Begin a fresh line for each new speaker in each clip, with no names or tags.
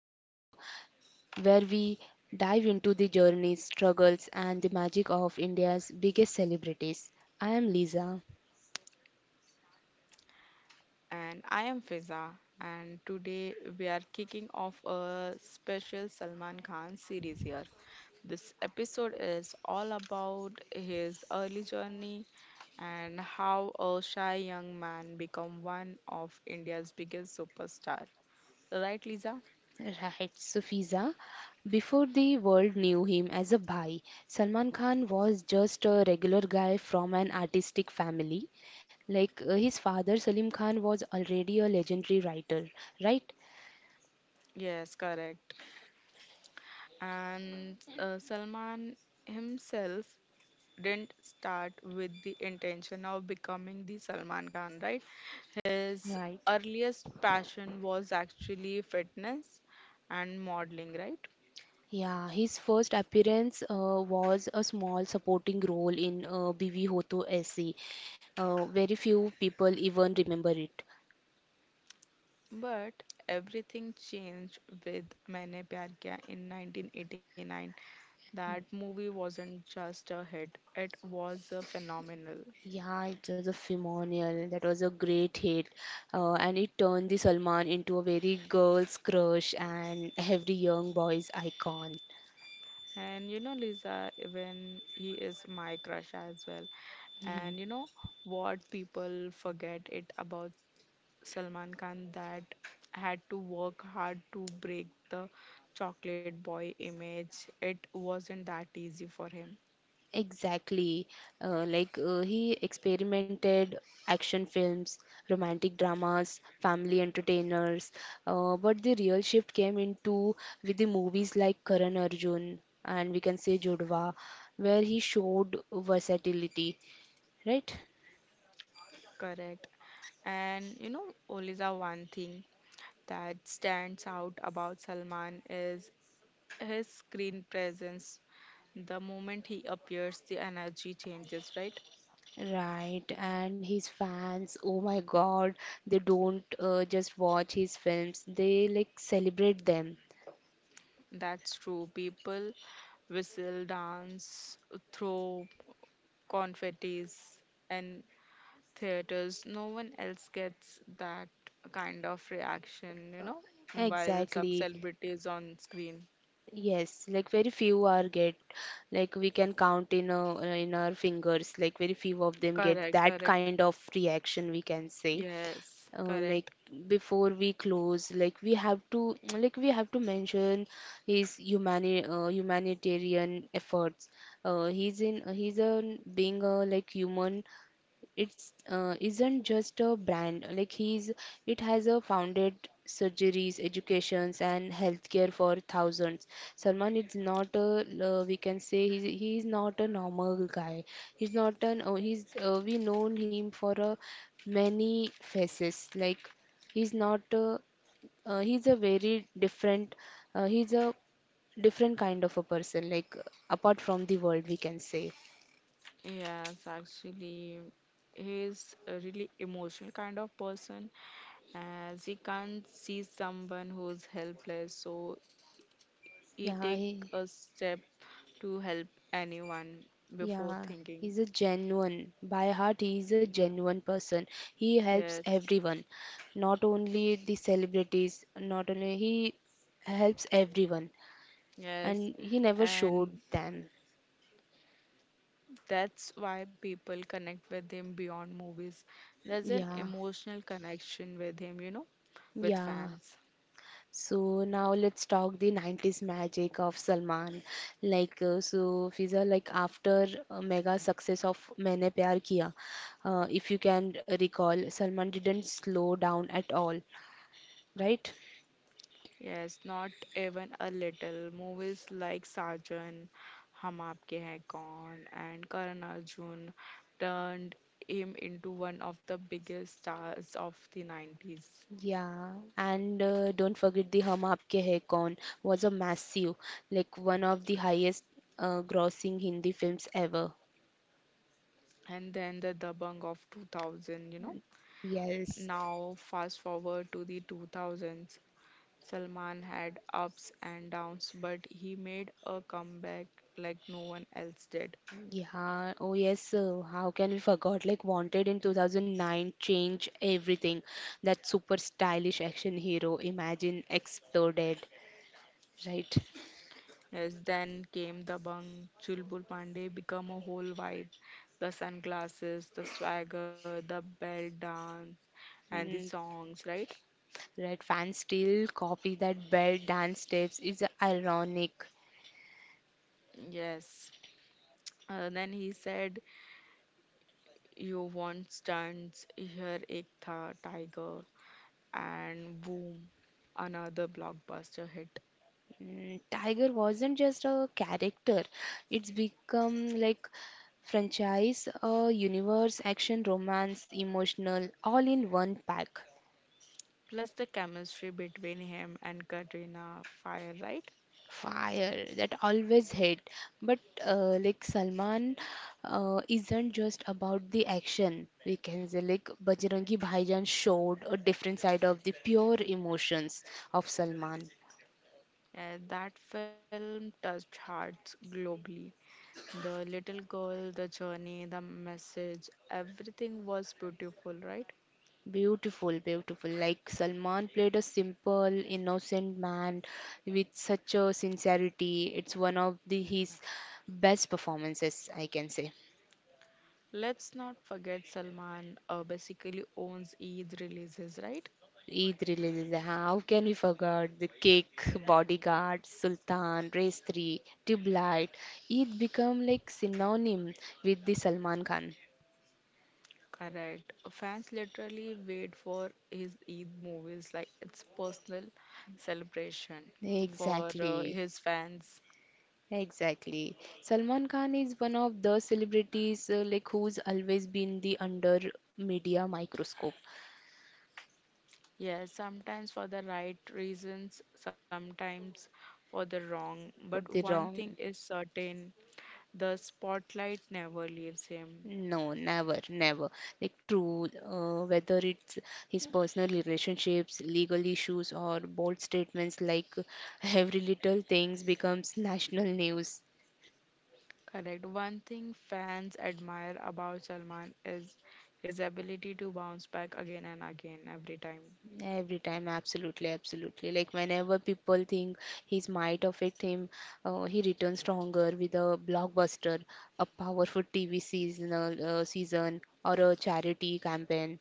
the show where we dive into the journeys, struggles and the magic of India's biggest celebrities. I am Lisa.
And I am Fiza. And today we are kicking off a special Salman Khan series here. This episode is all about his early journey and how a shy young man become one of India's biggest superstar. Right, Lisa?
Right, so Fiza, before the world knew him as a bhai, Salman Khan was just a regular guy from an artistic family. Like his father Salim Khan was already a legendary writer, right?
Yes, correct. And Salman himself didn't start with the intention of becoming the Salman Khan, right? His
Right.
earliest passion was actually fitness and modeling, right?
Yeah, his first appearance was a small supporting role in BV Hoto Se. Very few people even remember it.
But everything changed with Maine Pyar Kiya in 1989. That movie wasn't just a hit, it was a phenomenal.
Yeah, it was a phenomenal. That was a great hit, and it turned the Salman into a very girl's crush and every young boy's icon.
And you know, Lisa, even he is my crush as well. And you know what people forget it about Salman Khan that had to work hard to break the chocolate boy image. It wasn't that easy for him.
Exactly. He experimented action films, romantic dramas, family entertainers. But the real shift came into with the movies like Karan Arjun and we can say Jodhwa, where he showed versatility, right?
Correct. And you know, Oliza, one thing that stands out about Salman is his screen presence. The moment he appears, the energy changes, right?
Right, and his fans, oh my God, they don't just watch his films, they like celebrate them.
That's true. People whistle, dance, throw confettis, and theaters, no one else gets that kind of reaction, you know, while some
Exactly.
celebrities on screen.
Yes, like very few are get like we can count in our fingers like very few of them get
Correct,
that
correct.
kind of reaction we can say.
Yes,
Like
correct.
before we close like we have to like we have to mention his humanitarian efforts, he's in he's a being a like human, it's isn't just a brand like he's it has a founded surgeries educations and healthcare for thousands. Salman is not a, we can say he's not a normal guy, he's not an oh, he's, we known him for a many faces like he's not a, he's a very different, he's a different kind of a person like apart from the world we can say.
Yes, actually, he's a really emotional kind of person as he can't see someone who's helpless, so he
yeah
take
he,
a step to help anyone before
Yeah,
thinking.
he's a genuine. By heart, he is a
Yeah.
genuine person. He helps
Yes,
everyone, not only the celebrities, not only he helps everyone,
yes.
and he never
And
showed them.
that's why people connect with him beyond movies. There's an
Yeah,
emotional connection with him, you know, with fans.
yeah. So now let's talk the 90s magic of Salman. So Fiza, like after mega success of Maine Pyar Kiya, if you can recall, Salman didn't slow down at all, right?
Yes, not even a little. Movies like Sajan, Hum Aapke Hai Kaun, and Karan Arjun turned him into one of the biggest stars of the 90s.
Yeah, and don't forget the Hum Aapke Hai Kaun was a massive, like one of the highest grossing Hindi films ever.
And then the Dabang of 2000, you know.
Yes,
Now, fast forward to the 2000s, Salman had ups and downs, but he made a comeback like no one else did.
yeah, oh yes, how can we forgot? Like Wanted in 2009 changed everything. That super stylish action hero, Imagine, exploded, right?
Yes, then came the bang. Chulbul Pandey become a whole vibe. The sunglasses, the swagger, the bell dance, and the
Mm,
songs, right?
right, fans still copy that belt dance steps. It's ironic.
Yes. Then he said, You want stunts? Here, Ek Tha Tiger. And boom, another blockbuster hit.
Mm, Tiger wasn't just a character, it's become like franchise, a universe, action, romance, emotional, all in one pack.
Plus the chemistry between him and Katrina Fire, right?
Fire that always hit. But like Salman isn't just about the action. We can say like Bajrangi Bhaijan showed a different side of the pure emotions of Salman.
Yeah, that film touched hearts globally. The little girl, the journey, the message, everything was beautiful, right?
Beautiful, beautiful. Like Salman played a simple, innocent man with such a sincerity. It's one of the his best performances, I can say.
Let's not forget Salman basically owns Eid releases, right?
Eid releases. How can we forget the cake, bodyguard, Sultan, Race 3, Tube Light? Eid become like synonym with the Salman Khan.
Correct. Fans literally wait for his Eid movies like it's personal celebration for
Exactly.
his fans.
Exactly. Salman Khan is one of the celebrities like who's always been the under media microscope.
Yes, sometimes for the right reasons, sometimes for the wrong. But
But
one
they
thing is
wrong.
certain, the spotlight never leaves him.
No, never, never. Like true, whether it's his personal relationships, legal issues, or bold statements like every little things becomes national news.
Correct. One thing fans admire about Salman is his ability to bounce back again and again every time.
Every time, absolutely, absolutely. Like whenever people think his might affect him, he returns stronger with a blockbuster, a powerful TV seasonal season, or a charity campaign.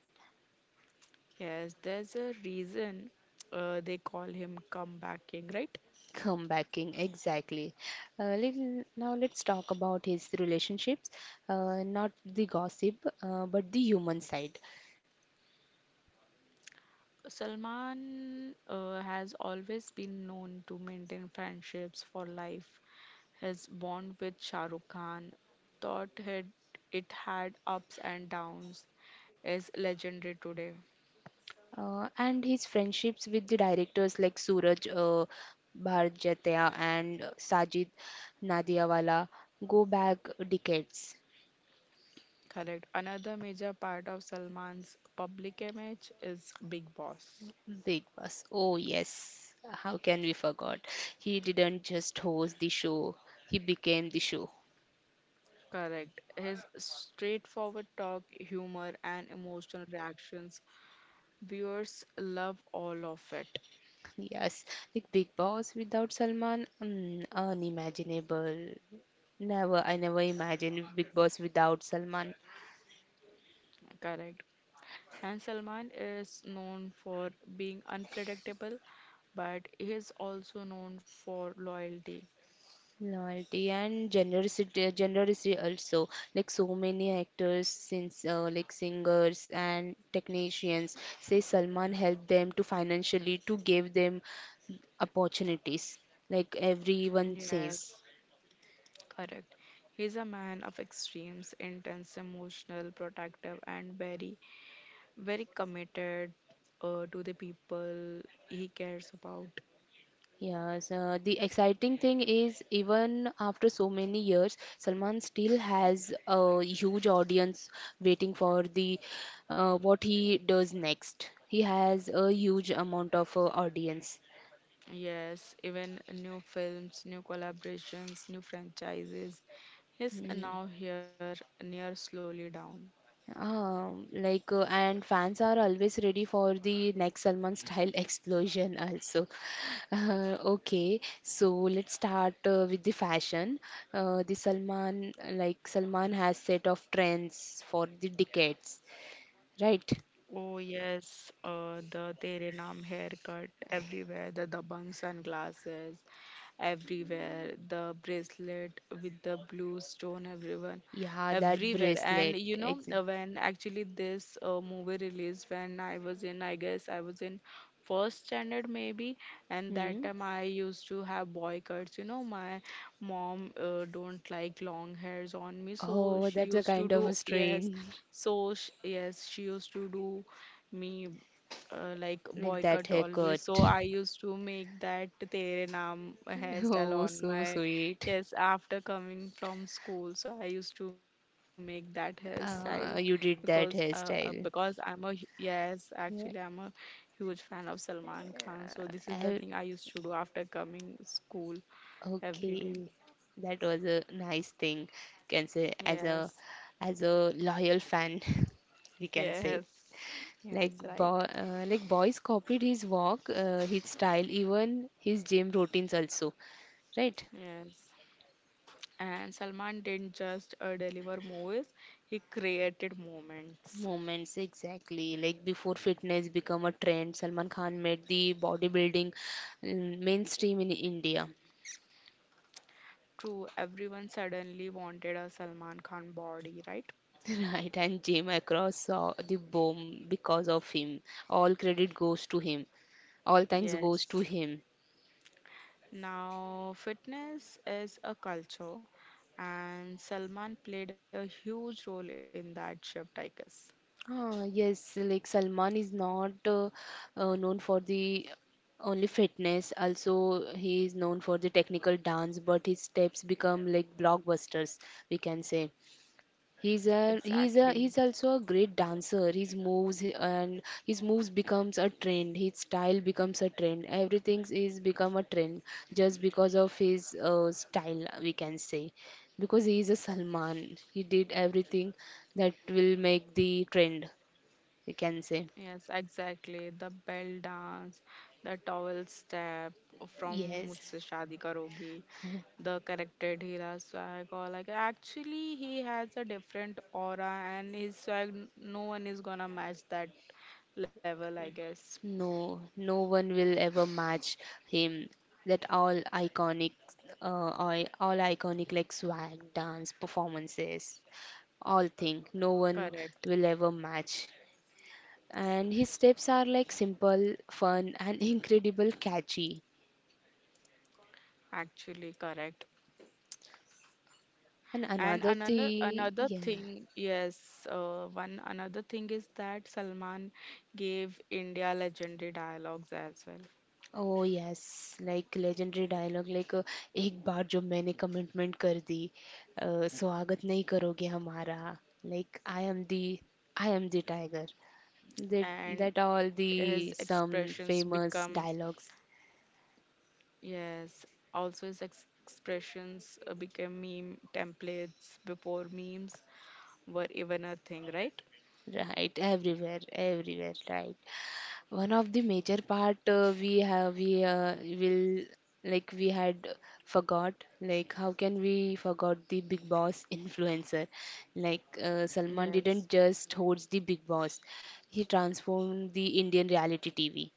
Yes, there's a reason. They call him comeback king, right?
Comebacking, exactly. Uh, let, Now let's talk about his relationships, not the gossip, but the human side.
Salman has always been known to maintain friendships for life. His bond with Shah Rukh Khan, thought it, it had ups and downs, is legendary today.
And his friendships with the directors like Suraj Bharjatia and Sajid Nadiawala go back decades.
Correct. Another major part of Salman's public image is Big Boss.
Big Boss. Oh, yes. How can we forget? He didn't just host the show, he became the show.
Correct. His straightforward talk, humor, and emotional reactions, viewers love all of it.
Yes, the Big Boss without Salman, mm, unimaginable. Never, I never imagined Big Boss without Salman.
Correct. And Salman is known for being unpredictable, but he is also known for loyalty.
Loyalty and generosity, generosity also. Like so many actors, since like singers and technicians, say Salman helped them to financially to give them opportunities. Like everyone
Yes,
says.
correct. He's a man of extremes, intense, emotional, protective, and very, very committed to the people he cares about.
Yes, the exciting thing is even after so many years, Salman still has a huge audience waiting for the what he does next. He has a huge amount of audience.
Yes, even new films, new collaborations, new franchises. He's
Mm.
now here near slowly down.
And fans are always ready for the next Salman style explosion also. Okay, so let's start with the fashion. The Salman like Salman has set of trends for the decades, right?
Oh yes, the Tere Naam haircut everywhere, the dabang sunglasses everywhere, the bracelet with the blue stone everyone
Yeah, that
everywhere. And
bracelet.
you know
Ex
when actually this movie released when I was in I guess I was in first standard maybe and that
hmm.
time I used to have boy cuts. You know my mom don't like long hairs on me so
Oh,
she
that's a
used to
kind of
do
a
yes
strain
so sh yes, she used to do me like
with that
boycott
haircut.
always. So I used to make that Tere Naam hairstyle
Oh,
on
so
my
sweet.
yes after coming from school. So I used to make that hairstyle
You did that
because
hairstyle.
yes actually I'm
Yeah.
a huge fan of Salman Khan. So this is the thing
Uh,
I used to do after coming school every day.
Okay, that was a nice thing, can say
Yes,
as a loyal fan, we can say.
yes,
Like
yes, right.
boy, uh, like boys copied his walk, his style, even his gym routines also, right?
Yes. And Salman didn't just deliver movies, he created moments.
Moments exactly. Like before fitness become a trend, Salman Khan made the bodybuilding mm, mainstream in India.
True, everyone suddenly wanted a Salman Khan body, right?
Right, and gym across saw the boom because of him. All credit goes to him. All thanks goes to
Yes.
him.
Now, fitness is a culture, and Salman played a huge role in that shift, I guess.
Ah, yes, like Salman is not known for the only fitness, also he is known for the technical dance, but his steps become like blockbusters, we can say. He's a he's a
Exactly.
he's also a great dancer. His moves becomes a trend. His style becomes a trend. Everything is become a trend just because of his style, we can say. Because he is a Salman, he did everything that will make the trend we can say.
Yes, exactly. The bell dance, the towel step from
Yes,
मुझसे शादी करोगी the corrected Hira swag or like actually he has a different aura and his no one is gonna match that level I guess.
no, no one will ever match him. That all iconic, all iconic like swag, dance, performances, all thing. No one
Correct.
will ever match. And his steps are like simple, fun, and incredible catchy.
Actually correct.
And
And
another thing,
another
yeah. nah.
thing, yes, one another thing is that Salman gave India legendary dialogues as well.
Oh yes like legendary dialogue like एक बार जो मैंने commitment कर दी अ, स्वागत नहीं करोगे हमारा like I am the tiger that
And
that all
his
the
expressions
some
become,
famous dialogues
yes, also his ex expressions became meme templates before memes were even a thing, right?
right everywhere everywhere right. One of the major part we have we will like we had forgot like how can we forgot the big boss influencer like Salman
Yes,
didn't just host the big boss, he transformed the Indian reality TV.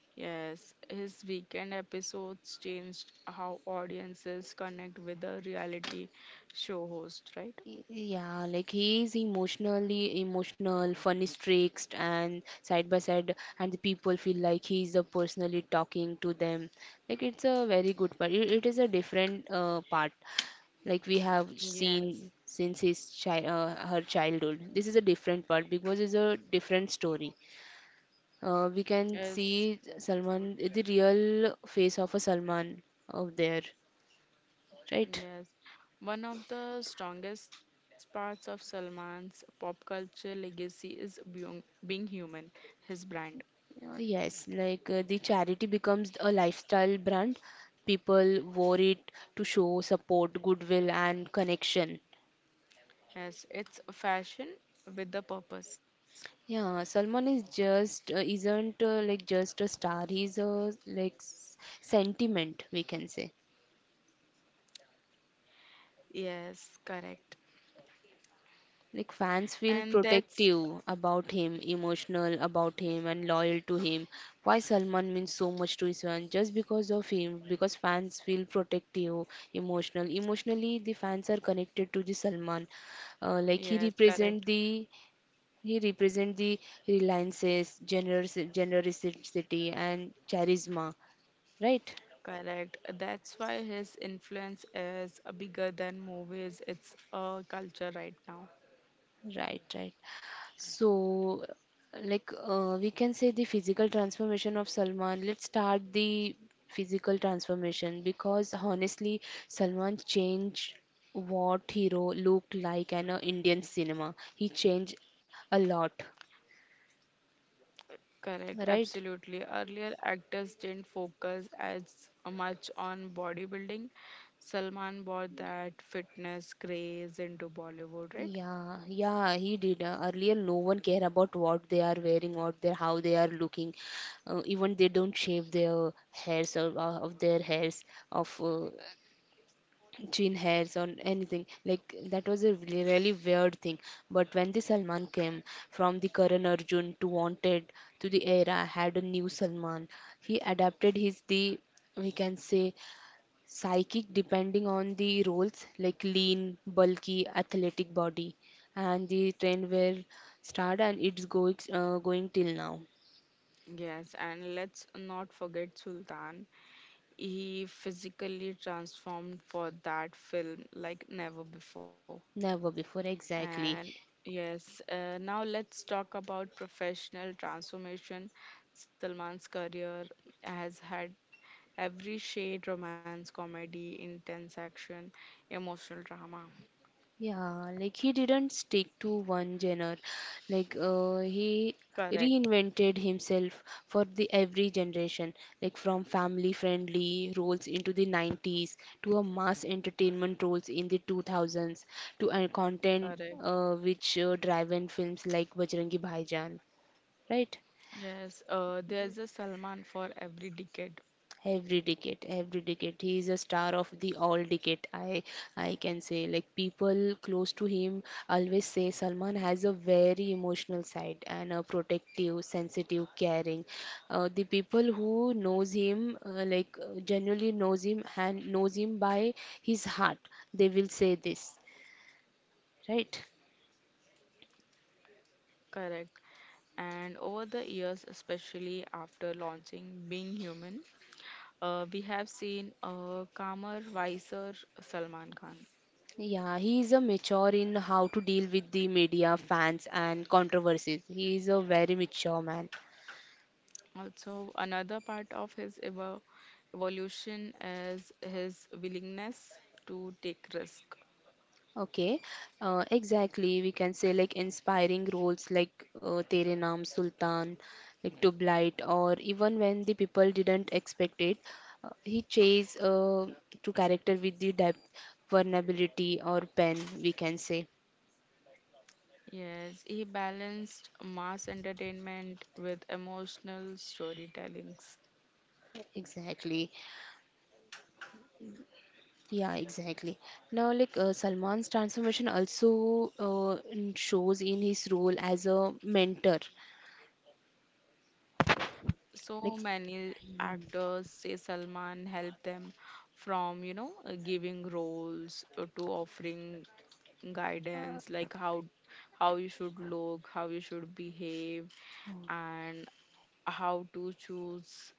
yes. His weekend episodes changed how audiences connect with a reality show host, right?
Yeah, like he is emotionally emotional funny streaks and side by side and the people feel like he is a personally talking to them like it's a very good part, it is a different part like we have
Yes,
seen since his her childhood. This is a different part because it's a different story. We can
yes,
see Salman, the real face of a Salman out there, right?
yes. One of the strongest parts of Salman's pop culture legacy is being human, his brand.
Yes, like the charity becomes a lifestyle brand. People wore it to show support, goodwill, and connection.
Yes, it's a fashion with a purpose.
Yeah, Salman is just isn't like just a star. He's a like sentiment, we can say.
Yes, correct.
Like fans feel
And that's,
protective about him, emotional about him, and loyal to him. Why Salman means so much to his fan? Just because of him, because fans feel protective, emotional. Emotionally, the fans are connected to the Salman. Like he
yes,
represent
correct.
the he represent the reliances, generous generosity, and charisma. Right,
Correct. That's why his influence is bigger than movies. It's a culture right now.
right, right. So, we can say the physical transformation of Salman. Let's start the physical transformation because honestly, Salman changed what hero looked like in a Indian cinema. He changed a lot,
Correct,
right?
absolutely. Earlier, actors didn't focus as much on bodybuilding. Salman brought that fitness craze into Bollywood, right?
Yeah, yeah, he did. Earlier, no one care about what they are wearing or their how they are looking. Even they don't shave their hairs or of their hairs of chin hairs or anything like that was a really, really weird thing. But when the salman came from the karan arjun to wanted, to the era had a new salman, he adapted his the we can say psychic depending on the roles like lean bulky athletic body, and the trend were started and it's going going till now.
Yes, and let's not forget Sultan. He physically transformed for that film like never before.
Never before exactly.
And yes, now let's talk about professional transformation. Salman's career has had every shade romance, comedy, intense action, emotional drama.
Yeah, like he didn't stick to one genre. Like he
Correct,
reinvented himself for the every generation, like from family-friendly roles into the 90s to a mass entertainment roles in the 2000s to a content
correct.
which driven films like Bajrangi Bhaijaan, right?
Yes, there's a Salman for every decade.
Every decade, he is a star of the all decade. I can say like people close to him always say Salman has a very emotional side and a protective, sensitive, caring. The people who knows him genuinely knows him and knows him by his heart. They will say this, right?
Correct. And over the years, especially after launching Being Human, we have seen a calmer, wiser Salman Khan.
Yeah, he is a mature in how to deal with the media, fans, and controversies. He is a very mature man.
Also, another part of his evolution is his willingness to take risk.
Okay, exactly. We can say like inspiring roles like Tere Naam Sultan, like To Blight, or even when the people didn't expect it, he chase to character with the depth, vulnerability, or pen. We can say
Yes, he balanced mass entertainment with emotional storytellings.
exactly. Yeah, exactly. Now, like Salman's transformation also shows in his role as a mentor.
So
Like
many actors say Salman helped them from, you know, giving roles to offering guidance, like how you should look, how you should behave, and how to choose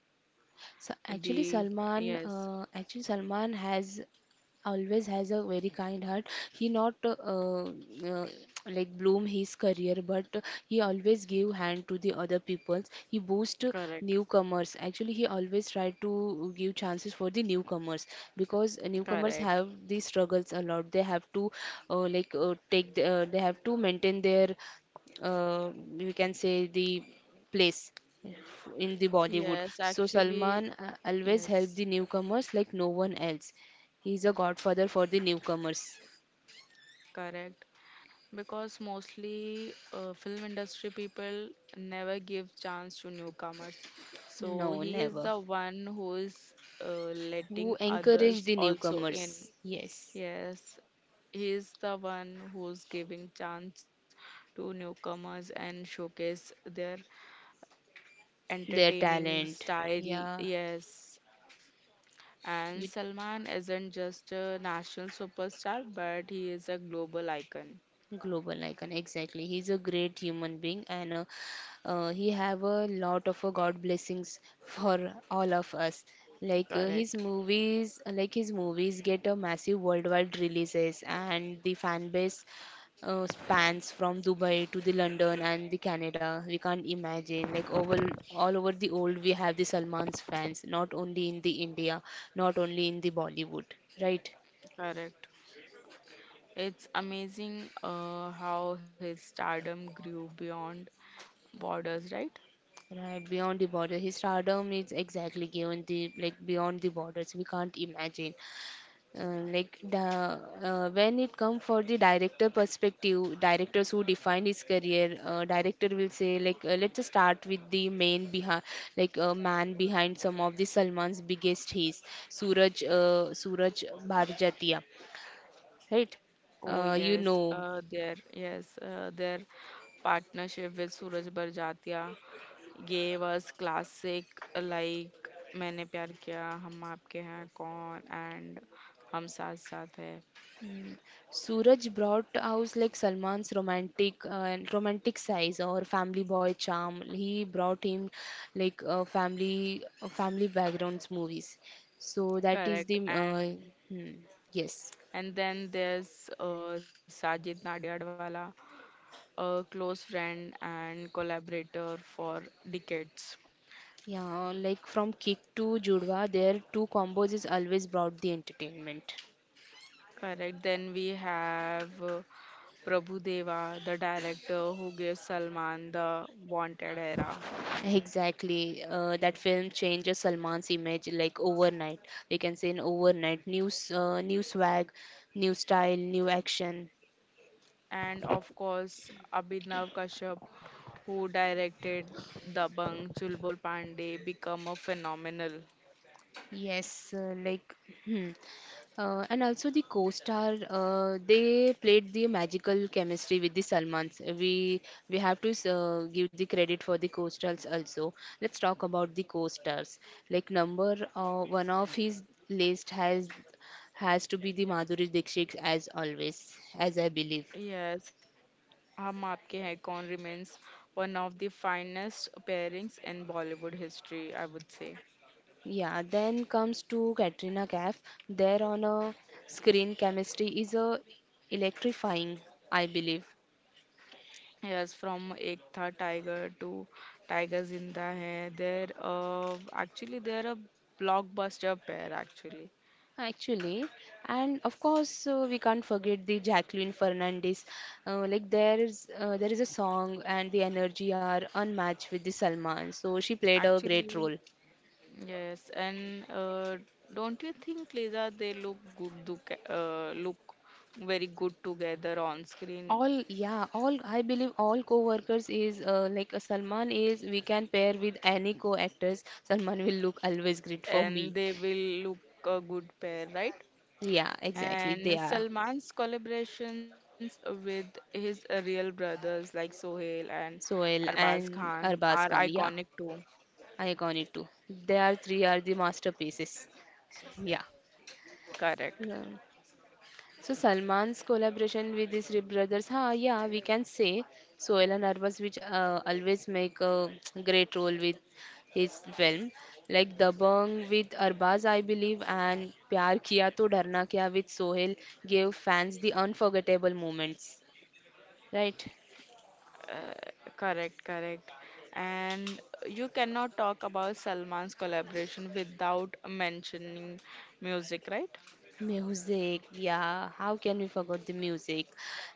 so
the yes,
Actually Salman has always has a very kind heart. He not uh, like bloom his career, but he always give hand to the other peoples. He boost
correct,
newcomers. Actually, he always try to give chances for the newcomers because newcomers
correct.
have these struggles a lot. They have to like take the, they have to maintain their uh, we can say the place in the Bollywood.
Yes,
So
actually,
Salman always help the
yes,
newcomers like no one else. He's a godfather for the newcomers.
correct. Because mostly film industry people never give chance to newcomers. So
No,
he is
never.
the one who is letting
Who encouraged
others
the
also in.
newcomers? Yes,
Yes, he is the one who's giving chance to newcomers and showcase their
their
entertaining
talent.
style.
Yeah,
Yes, and
it
Salman isn't just a national superstar, but he is a global icon.
global icon exactly he's a great human being and he have a lot of god blessings for all of us like
Correct,
his movies get a massive worldwide releases and the fan base spans from Dubai to the London and the Canada. We can't imagine, like over all over the world we have the Salman's fans, not only in the India, not only in the Bollywood, right?
correct. It's amazing how his stardom grew beyond borders, right?
Right, beyond the border. His stardom is exactly given the like beyond the borders. We can't imagine. Like the When it comes for the director perspective, directors who define his career, director will say like let's start with the main behind like man behind some of the Salman's biggest hits, Suraj Bharjatiya, right?
Oh
You
yes,
know,
their partnership with Suraj Barjatia gave us classic like मैंने प्यार किया हम आपके हैं कौन and हम साथ साथ है
Suraj brought out like Salman's romantic and romantic size or family boy charm. He brought him like family backgrounds movies. So that is
correct
the
and.
hmm, yes.
And then there's Sajid Nadiadwala, a close friend and collaborator for decades.
Yeah, like from Kick to Judwa, their two combos is always brought the entertainment.
Correct. Then we have Prabhu Deva, the director who gave Salman the Wanted era.
Exactly. That film changes Salman's image like overnight. We can say in overnight, new new swag, new style, new action.
And of course, Abhinav Kashyap, who directed Dabang Chulbul Pandey, become a phenomenal.
Yes, like, hmm. And also the co-star, they played the magical chemistry with the Salmans. We have to give the credit for the co-stars also. Let's talk about the co-stars. Like number one of his list has to be the Madhuri Dixit as always, as I believe.
Yes, हम आपके hai. कौन remains one of the finest pairings in Bollywood history, I would say.
Yeah, then comes to Katrina Kaif. Their on a screen chemistry is a electrifying, I believe.
Yes, from Ek Tha Tiger to Tiger Zinda Hai, there actually they're a blockbuster pair actually.
Actually, and of course we can't forget the Jacqueline Fernandez. There is a song and the energy are unmatched with the Salman. So she played a great
Actually,
role.
yes, and don't you think, Lisa, they look good, look very good together on screen,
All yeah, all I believe all co-workers is Salman is we can pair with any co-actors. Salman will look always great for
and
me.
they will look a good pair, right?
Yeah, exactly. They
And
are
Salman's collaborations with his real brothers like Sohail and
Sohail
Arbaz
and
Khan are
Arbaz Khan.
iconic
Yeah,
too.
iconic too. They are three are the masterpieces. Yeah.
Correct.
Um, So Salman's collaboration with his brothers, ha, yeah, we can say Sohail and Arbaaz, which always make a great role with his film, like Dabang with Arbaaz, I believe, and Pyar Kiya To Dharna Kya with Sohail gave fans the unforgettable moments, right?
Uh, correct, correct. And you cannot talk about Salman's collaboration without mentioning music, right?
Music, yeah. How can we forget the music?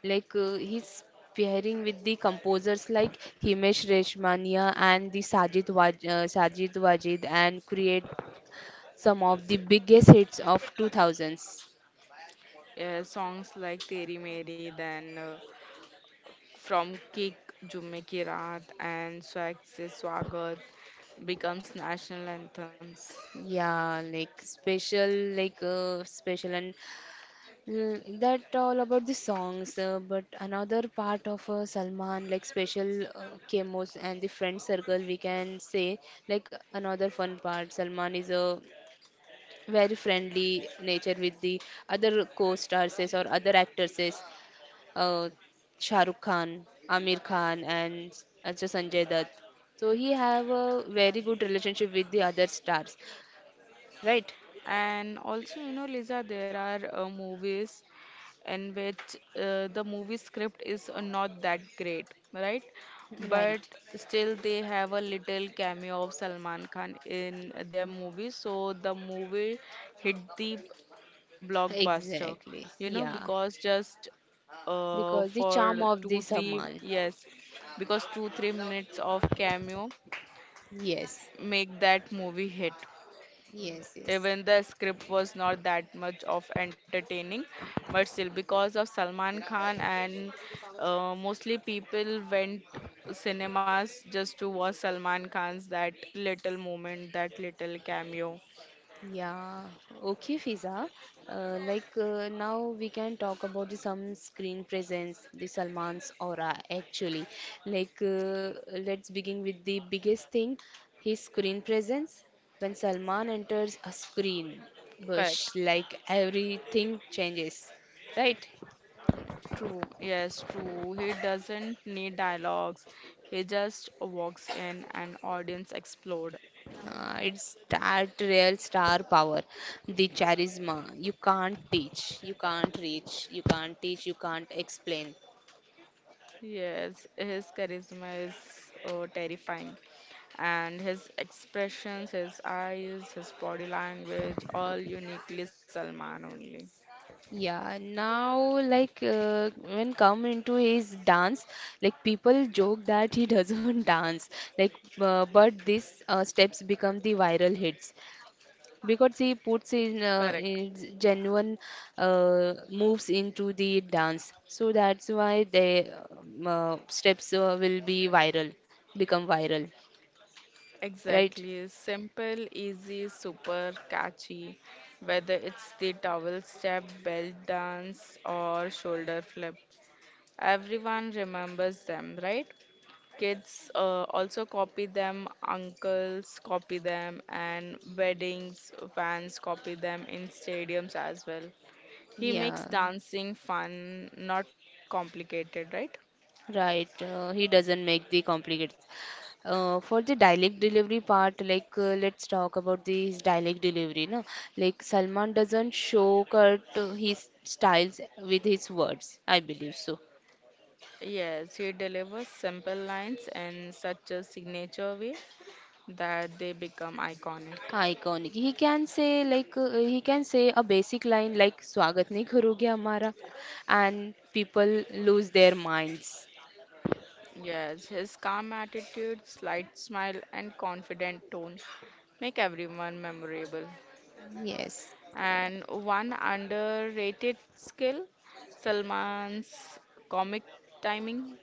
Like he's pairing with the composers like Himesh Reshmania and the Sajid Wajid and create some of the biggest hits of 2000s.
Songs like Teri Meri, then from Kick, Jumme Ki Raat, and Swag Se Swagat becomes national anthems.
Yeah, like special, and that all about the songs. But another part of Salman, like special chemos and the friend circle, we can say like another fun part. Salman is a very friendly nature with the other co-stars or other actors is uh, Shah Rukh Khan, Amir Khan, and also Sanjay Dutt. So he have a very good relationship with the other stars, right?
And also, you know, Lisa, there are movies in which the movie script is not that great, right?
Right.
But still, they have a little cameo of Salman Khan in their movie, so the movie hit the blockbuster,
Exactly.
you know,
Yeah.
because just
Because the charm of the Salman.
yes, because two, 3 minutes of cameo
Yes.
make that movie hit.
Yes. Yes.
Even the script was not that much of entertaining, but still, because of Salman Khan and mostly people went cinemas just to watch Salman Khan's that little moment, that little cameo.
Yeah, okay, Fiza. Now we can talk about the some screen presence, the Salman's aura actually. Like let's begin with the biggest thing, his screen presence. When Salman enters a screen,
Correct.
bush, like everything changes, right?
True. Yes, true. He doesn't need dialogues. He just walks in and audience explode.
It's that real star power, the charisma. You can't teach, you can't reach, you can't teach, you can't explain.
Yes, his charisma is terrifying. And his expressions, his eyes, his body language, all uniquely Salman only.
Yeah, now like when come into his dance, like people joke that he doesn't dance, like but these steps become the viral hits because he puts in,
Correct.
his genuine moves into the dance. So that's why the steps will be viral, become viral, right?
Exactly. Simple, easy, super catchy. Whether it's the towel step, belt dance, or shoulder flip, everyone remembers them, right? Kids also copy them, uncles copy them, and weddings fans copy them in stadiums as well. He makes
Yeah.
dancing fun, not complicated, right?
Right, he doesn't make the complicated. For the dialect delivery part, like let's talk about this dialect delivery, no? Like Salman doesn't show cut his styles with his words, I believe so.
Yes, he delivers simple lines in such a signature way that they become iconic.
Iconic. He can say like he can say a basic line like "Swagat nahi karoge hamara," and people lose their minds.
Yes, his calm attitude, slight smile, and confident tone make everyone memorable.
Yes. Uh,
And one underrated skill, Salman's comic timing.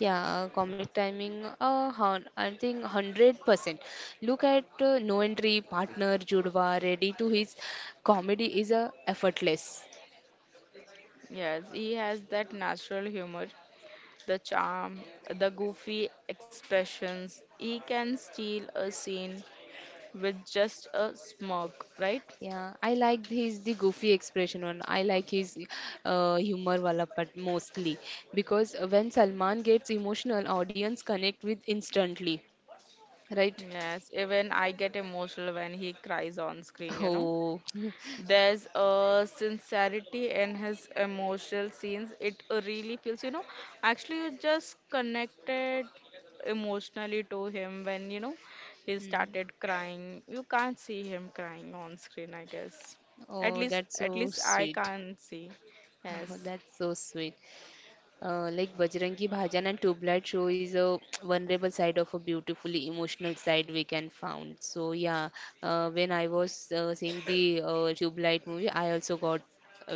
Yeah, comic timing, I think 100%. Look at No Entry partner Judva, ready to his comedy is effortless.
Yes, he has that natural humor, the charm, the goofy expressions. He can steal a scene with just a smirk, right?
Yeah, I like his the goofy expression one. I like his humor wala part mostly because when Salman gets emotional, audience connect with instantly, right?
Yes, even I get emotional when he cries on screen, you know.
Oh,
There's a sincerity in his emotional scenes. It really feels, you know, actually you just connected emotionally to him when, you know, he
hmm.
started crying. You can't see him crying on screen, I guess.
Oh, that's
At
so
least I
sweet.
can't see. Yes.
That's so sweet. Like Bajrangi Bhajan and Tubelight show is a vulnerable side of a beautifully emotional side we can found. So yeah, when I was seeing the Tubelight movie, I also got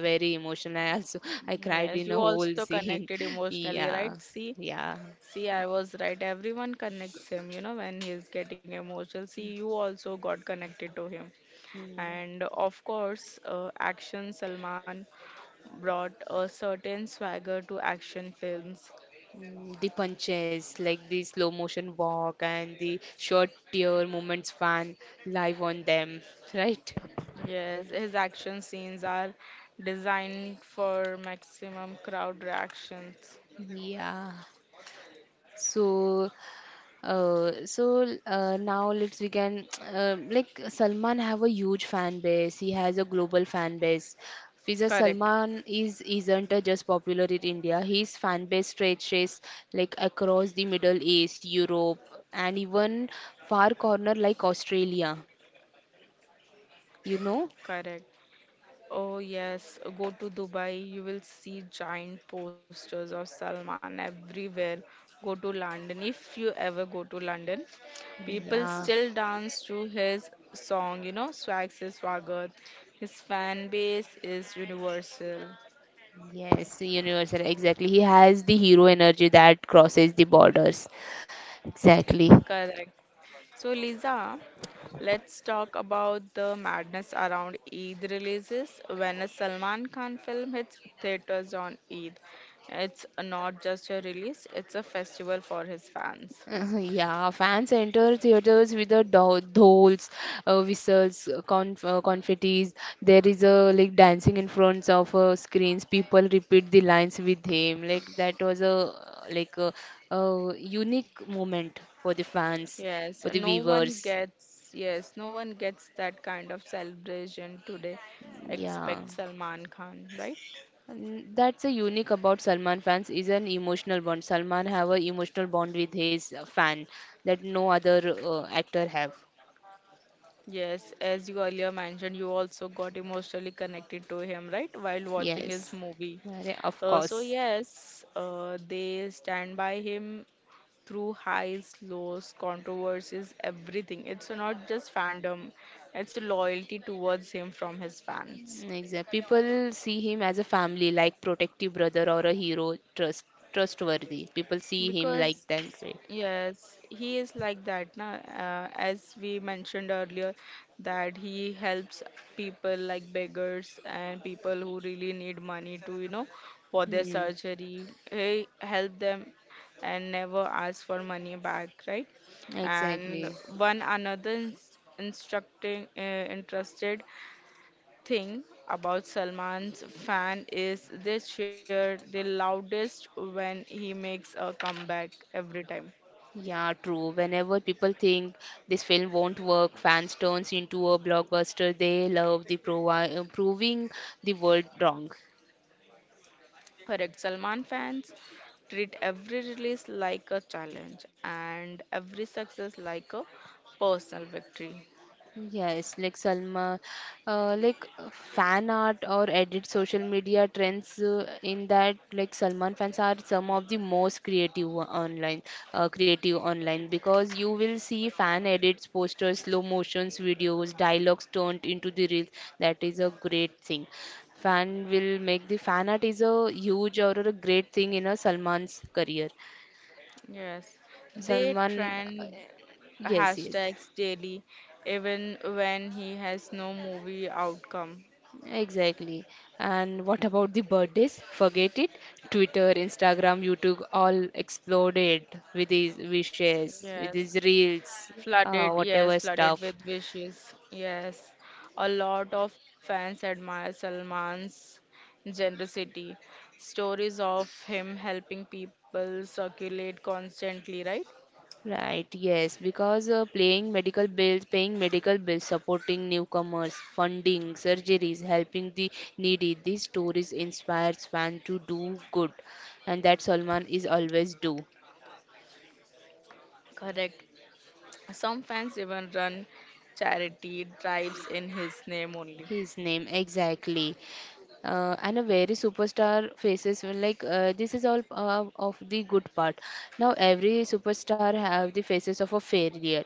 very emotional. I also I cried in
Yes,
a
you
whole
also
scene.
connected emotionally,
Yeah,
right? See,
yeah.
see, I was right. Everyone connects him, you know, when he's getting emotional. See, you also got connected to him. And of course, action Salman brought a certain swagger to action films.
Mm, the punches, like the slow motion walk and the short tear moments fan live on them, right?
Yes, his action scenes are designed for maximum crowd reactions.
Yeah. So now let's we can like Salman have a huge fan base. He has a global fan base. Fiza
Correct,
Salman is isn't just popular in India. His fan base stretches like across the Middle East, Europe, and even far corner like Australia. You know?
correct. Oh, yes, go to Dubai, you will see giant posters of Salman everywhere. Go to London, if you ever go to London, people
Yeah.
still dance to his song, you know, Swag Se Swagat. His fan base is universal.
Yes, universal. Exactly. He has the hero energy that crosses the borders. Exactly.
Correct. So, Lisa, let's talk about the madness around Eid releases. When a Salman Khan film hits theaters on Eid, it's not just a release, it's a festival for his fans.
Yeah, fans enter theaters with the dhols, whistles, confettis. There is a like dancing in front of screens. People repeat the lines with him. Like that was a like a unique moment for the fans,
Yes,
for the
no one
viewers.
gets, yes, no one gets that kind of celebration today
Yeah.
except Salman Khan, right?
And that's a unique about Salman fans is an emotional bond. Salman have a emotional bond with his fan that no other actor have.
Yes, as you earlier mentioned, you also got emotionally connected to him, right? While watching his
Yes,
movie.
Arey, of
So
course.
yes, they stand by him through highs, lows, controversies, everything. It's not just fandom; it's loyalty towards him from his fans.
Exact. People see him as a family, like protective brother or a hero, trustworthy. People see him like
Because,
that way.
yes, he is like that, na? As we mentioned earlier, that he helps people like beggars and people who really need money to, you know, for their
Hmm.
surgery. He help them and never ask for money back, right?
Exactly.
And one another instructing, interested thing about Salman's fan is they cheer the loudest when he makes a comeback every time.
Yeah, true. Whenever people think this film won't work, fans turns into a blockbuster they love, the proving the world wrong.
Correct, Salman fans treat every release like a challenge and every success like a personal victory.
Yes, like Salma, fan art or edit social media trends in that like Salman fans are some of the most creative online, creative online because you will see fan edits, posters, slow motions, videos, dialogues turned into the reels. That is a great thing. Fan will make the fan art is a huge or a great thing in a Salman's career.
Yes, they
Salman, uh,
trend
yes, yes.
hashtags daily even when he has no movie outcome.
Exactly. And what about the birthdays? Forget it. Twitter, Instagram, YouTube all exploded with these wishes, with these
Yes.
reels,
Flooded, yes,
whatever
flooded
stuff.
with wishes, yes. A lot of fans admire Salman's generosity. Stories of him helping people circulate constantly, right?
Right, yes, because paying medical bills, supporting newcomers, funding surgeries, helping the needy. These stories inspires fans to do good, and that Salman is always do.
Correct. Some fans even run charity drives in his name only.
His name exactly. And a very superstar faces when, like this is all of the good part. Now every superstar have the faces of a failure,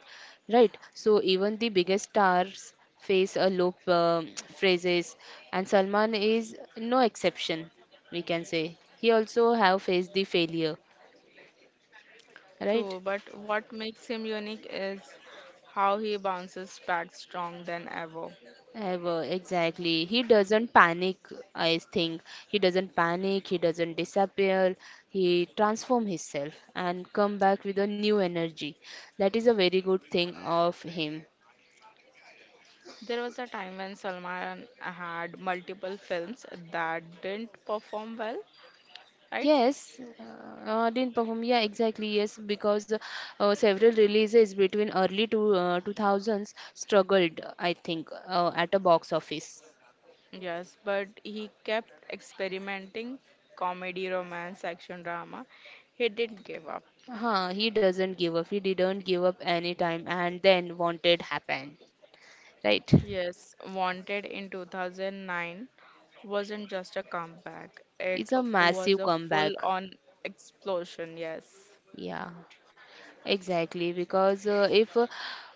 right? So even the biggest stars face a low phrases, and Salman is no exception. We can say he also have faced the failure,
True, but
right?
what makes him unique is how he bounces back strong than ever.
Ever, exactly. He doesn't panic, I think. He doesn't panic, he doesn't disappear. He transform himself and come back with a new energy. That is a very good thing of him.
There was a time when Salman had multiple films that didn't perform well, right?
Yes, didn't perform. Yeah, exactly. Yes, because several releases between early to 2000s struggled, I think, at a box office.
Yes, but he kept experimenting comedy, romance, action, drama. He didn't give up.
Huh, he doesn't give up. He didn't give up any time and then wanted happen, right?
Yes, Wanted in 2009 wasn't just a comeback, it
It's a
was a
massive
full
comeback.
on explosion. Yes,
Yeah, exactly. Because if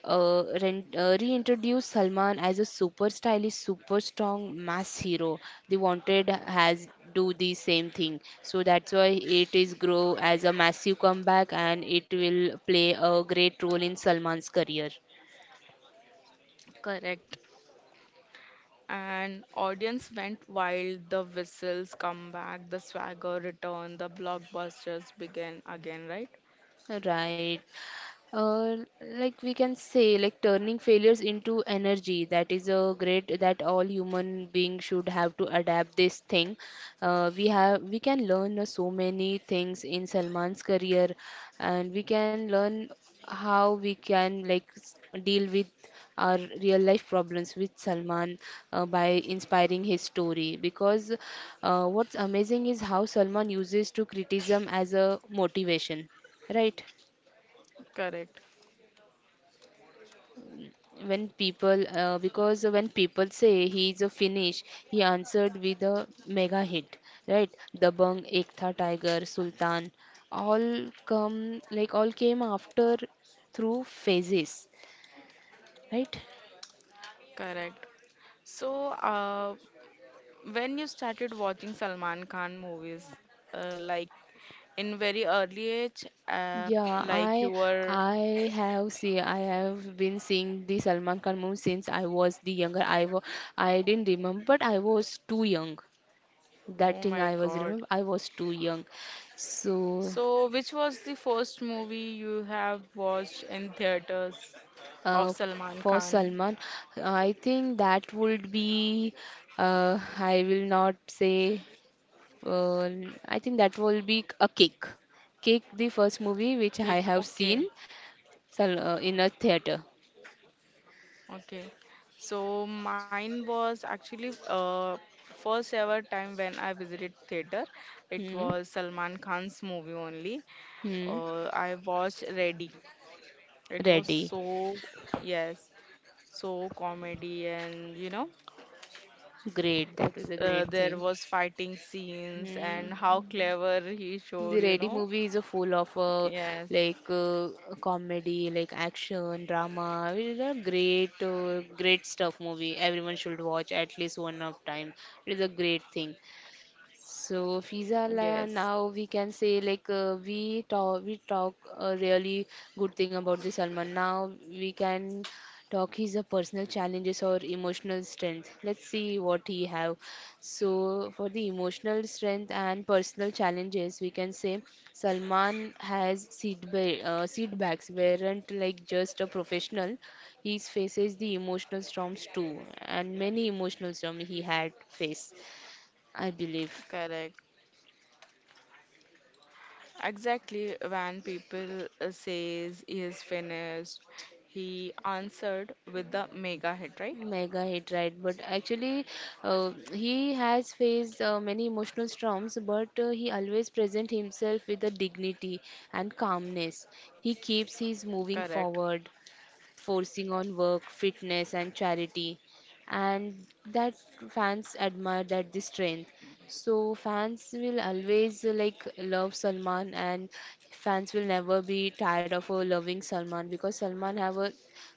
re reintroduce Salman as a super stylish, super strong mass hero, they wanted has do the same thing. So that's why it is grow as a massive comeback, and it will play a great role in Salman's career.
correct. And audience went wild, the whistles come back, the swagger returned, the blockbusters began again, right?
Right. Like we can say, like turning failures into energy. That is a great that all human beings should have to adapt this thing. We can learn so many things in Salman's career, and we can learn how we can deal with our real life problems with Salman by inspiring his story. Because what's amazing is how Salman uses to criticism as a motivation, right?
Correct,
When people say he is a Finnish, he answered with a mega hit, right? Dabang, Ekta Tiger, Sultan, all come like all came after through phases, right?
correct. So, when you started watching Salman Khan movies, like in very early age,
Yeah,
like you were,
I have been seeing the Salman Khan movie since I was the younger. I didn't remember, but I was too young. That
oh
thing
my
I was
God.
remember I was too young. So
So, which was the first movie you have watched in theaters of
uh,
Salman
for
Khan?
Salman, I think that would be, I will not say, uh, I think that will be a cake. Cake, the first movie which
Okay,
I have
okay.
seen in a theater.
Okay, so mine was actually first ever time when I visited theater. It
Hmm.
was Salman Khan's movie only.
Hmm.
I watched Ready. It was
Ready.
so, yes, so comedy and you know,
Great. That is a great
there
thing.
was fighting scenes
Hmm.
and how clever he
The
showed, you
Ready
know.
movie is a full of
Yes,
like uh, comedy, like action, drama. It is a great, great stuff movie. Everyone should watch at least one of time. It is a great thing. So Fiza,
yes,
now we can say like we talk a really good thing about the Salman. Now we can talk his personal challenges or emotional strength. Let's see what he have. So for the emotional strength and personal challenges, we can say Salman has setbacks weren't like just a professional. He faces the emotional storms too, and many emotional storms he had faced, I believe.
correct. Exactly when people says he is finished, he answered with the mega hit, right?
Mega hit, right? But actually, he has faced many emotional storms, but he always present himself with a dignity and calmness. He keeps his moving
Correct,
forward, forcing on work, fitness, and charity. And that fans admire that the strength. So fans will always like love Salman, and fans will never be tired of loving Salman because Salman have a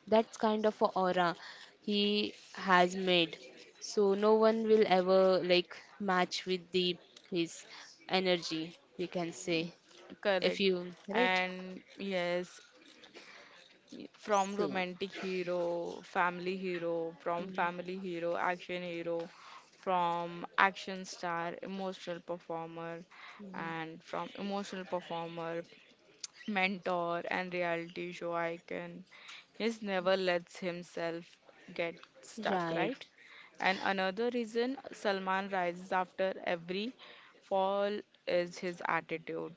that kind of a aura he has made. So no one will ever like match with the his energy. We can say if
correct.
you right.
And yes, from
So
romantic hero, family hero, from
mm,
family hero, action hero, from action star, emotional performer, and from emotional performer, mentor and reality show icon. He's never lets himself get stuck,
right.
right? And another reason Salman rises after every fall is his attitude.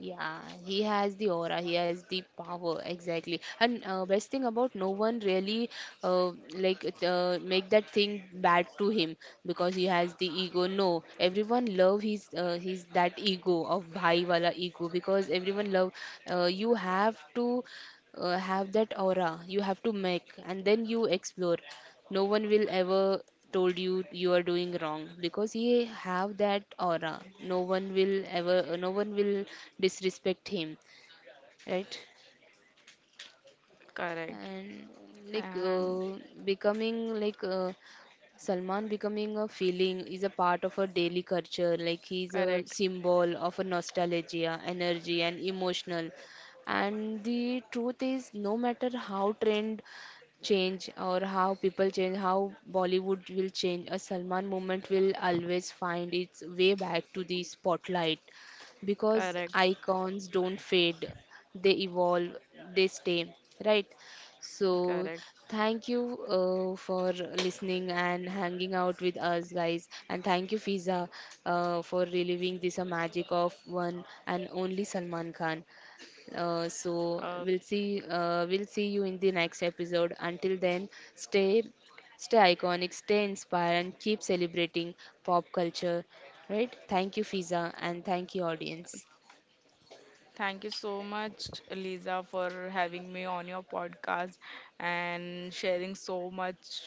Yeah, he has the aura, he has the power, exactly. And best thing about no one really uh, make that thing bad to him because he has the ego. No, everyone love his that ego of bhai wala ego because everyone love you have to have that aura you have to make and then you explore no one will ever told you you are doing wrong because he have that aura no one will disrespect him, right?
Correct.
And like
And
becoming like Salman becoming a feeling is a part of a daily culture, like he's a
correct,
symbol of a nostalgia, energy, and emotional. And the truth is, no matter how trend change or how people change, how Bollywood will change, a Salman moment will always find its way back to the spotlight because
correct,
icons don't fade, they evolve, they stay, right? So,
correct.
thank you for listening and hanging out with us, guys. And thank you, Fiza, for reliving this magic of one and only Salman Khan.
Uh,
We'll see you in the next episode. Until then, stay, stay iconic, stay inspired, and keep celebrating pop culture. Right? Thank you, Fiza, and thank you, audience.
Thank you so much, Lisa, for having me on your podcast and sharing so much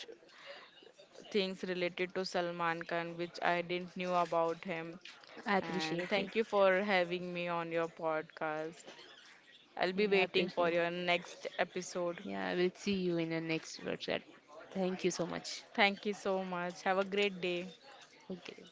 things related to Salman Khan, which I didn't knew about him.
I
And
appreciate it.
thank you for having me on your podcast. I'll
Yeah,
be
I
waiting for
appreciate it.
your next episode.
Yeah, I will see you in the next workshop. Thank you so much.
Thank you so much. Have a great day.
Okay.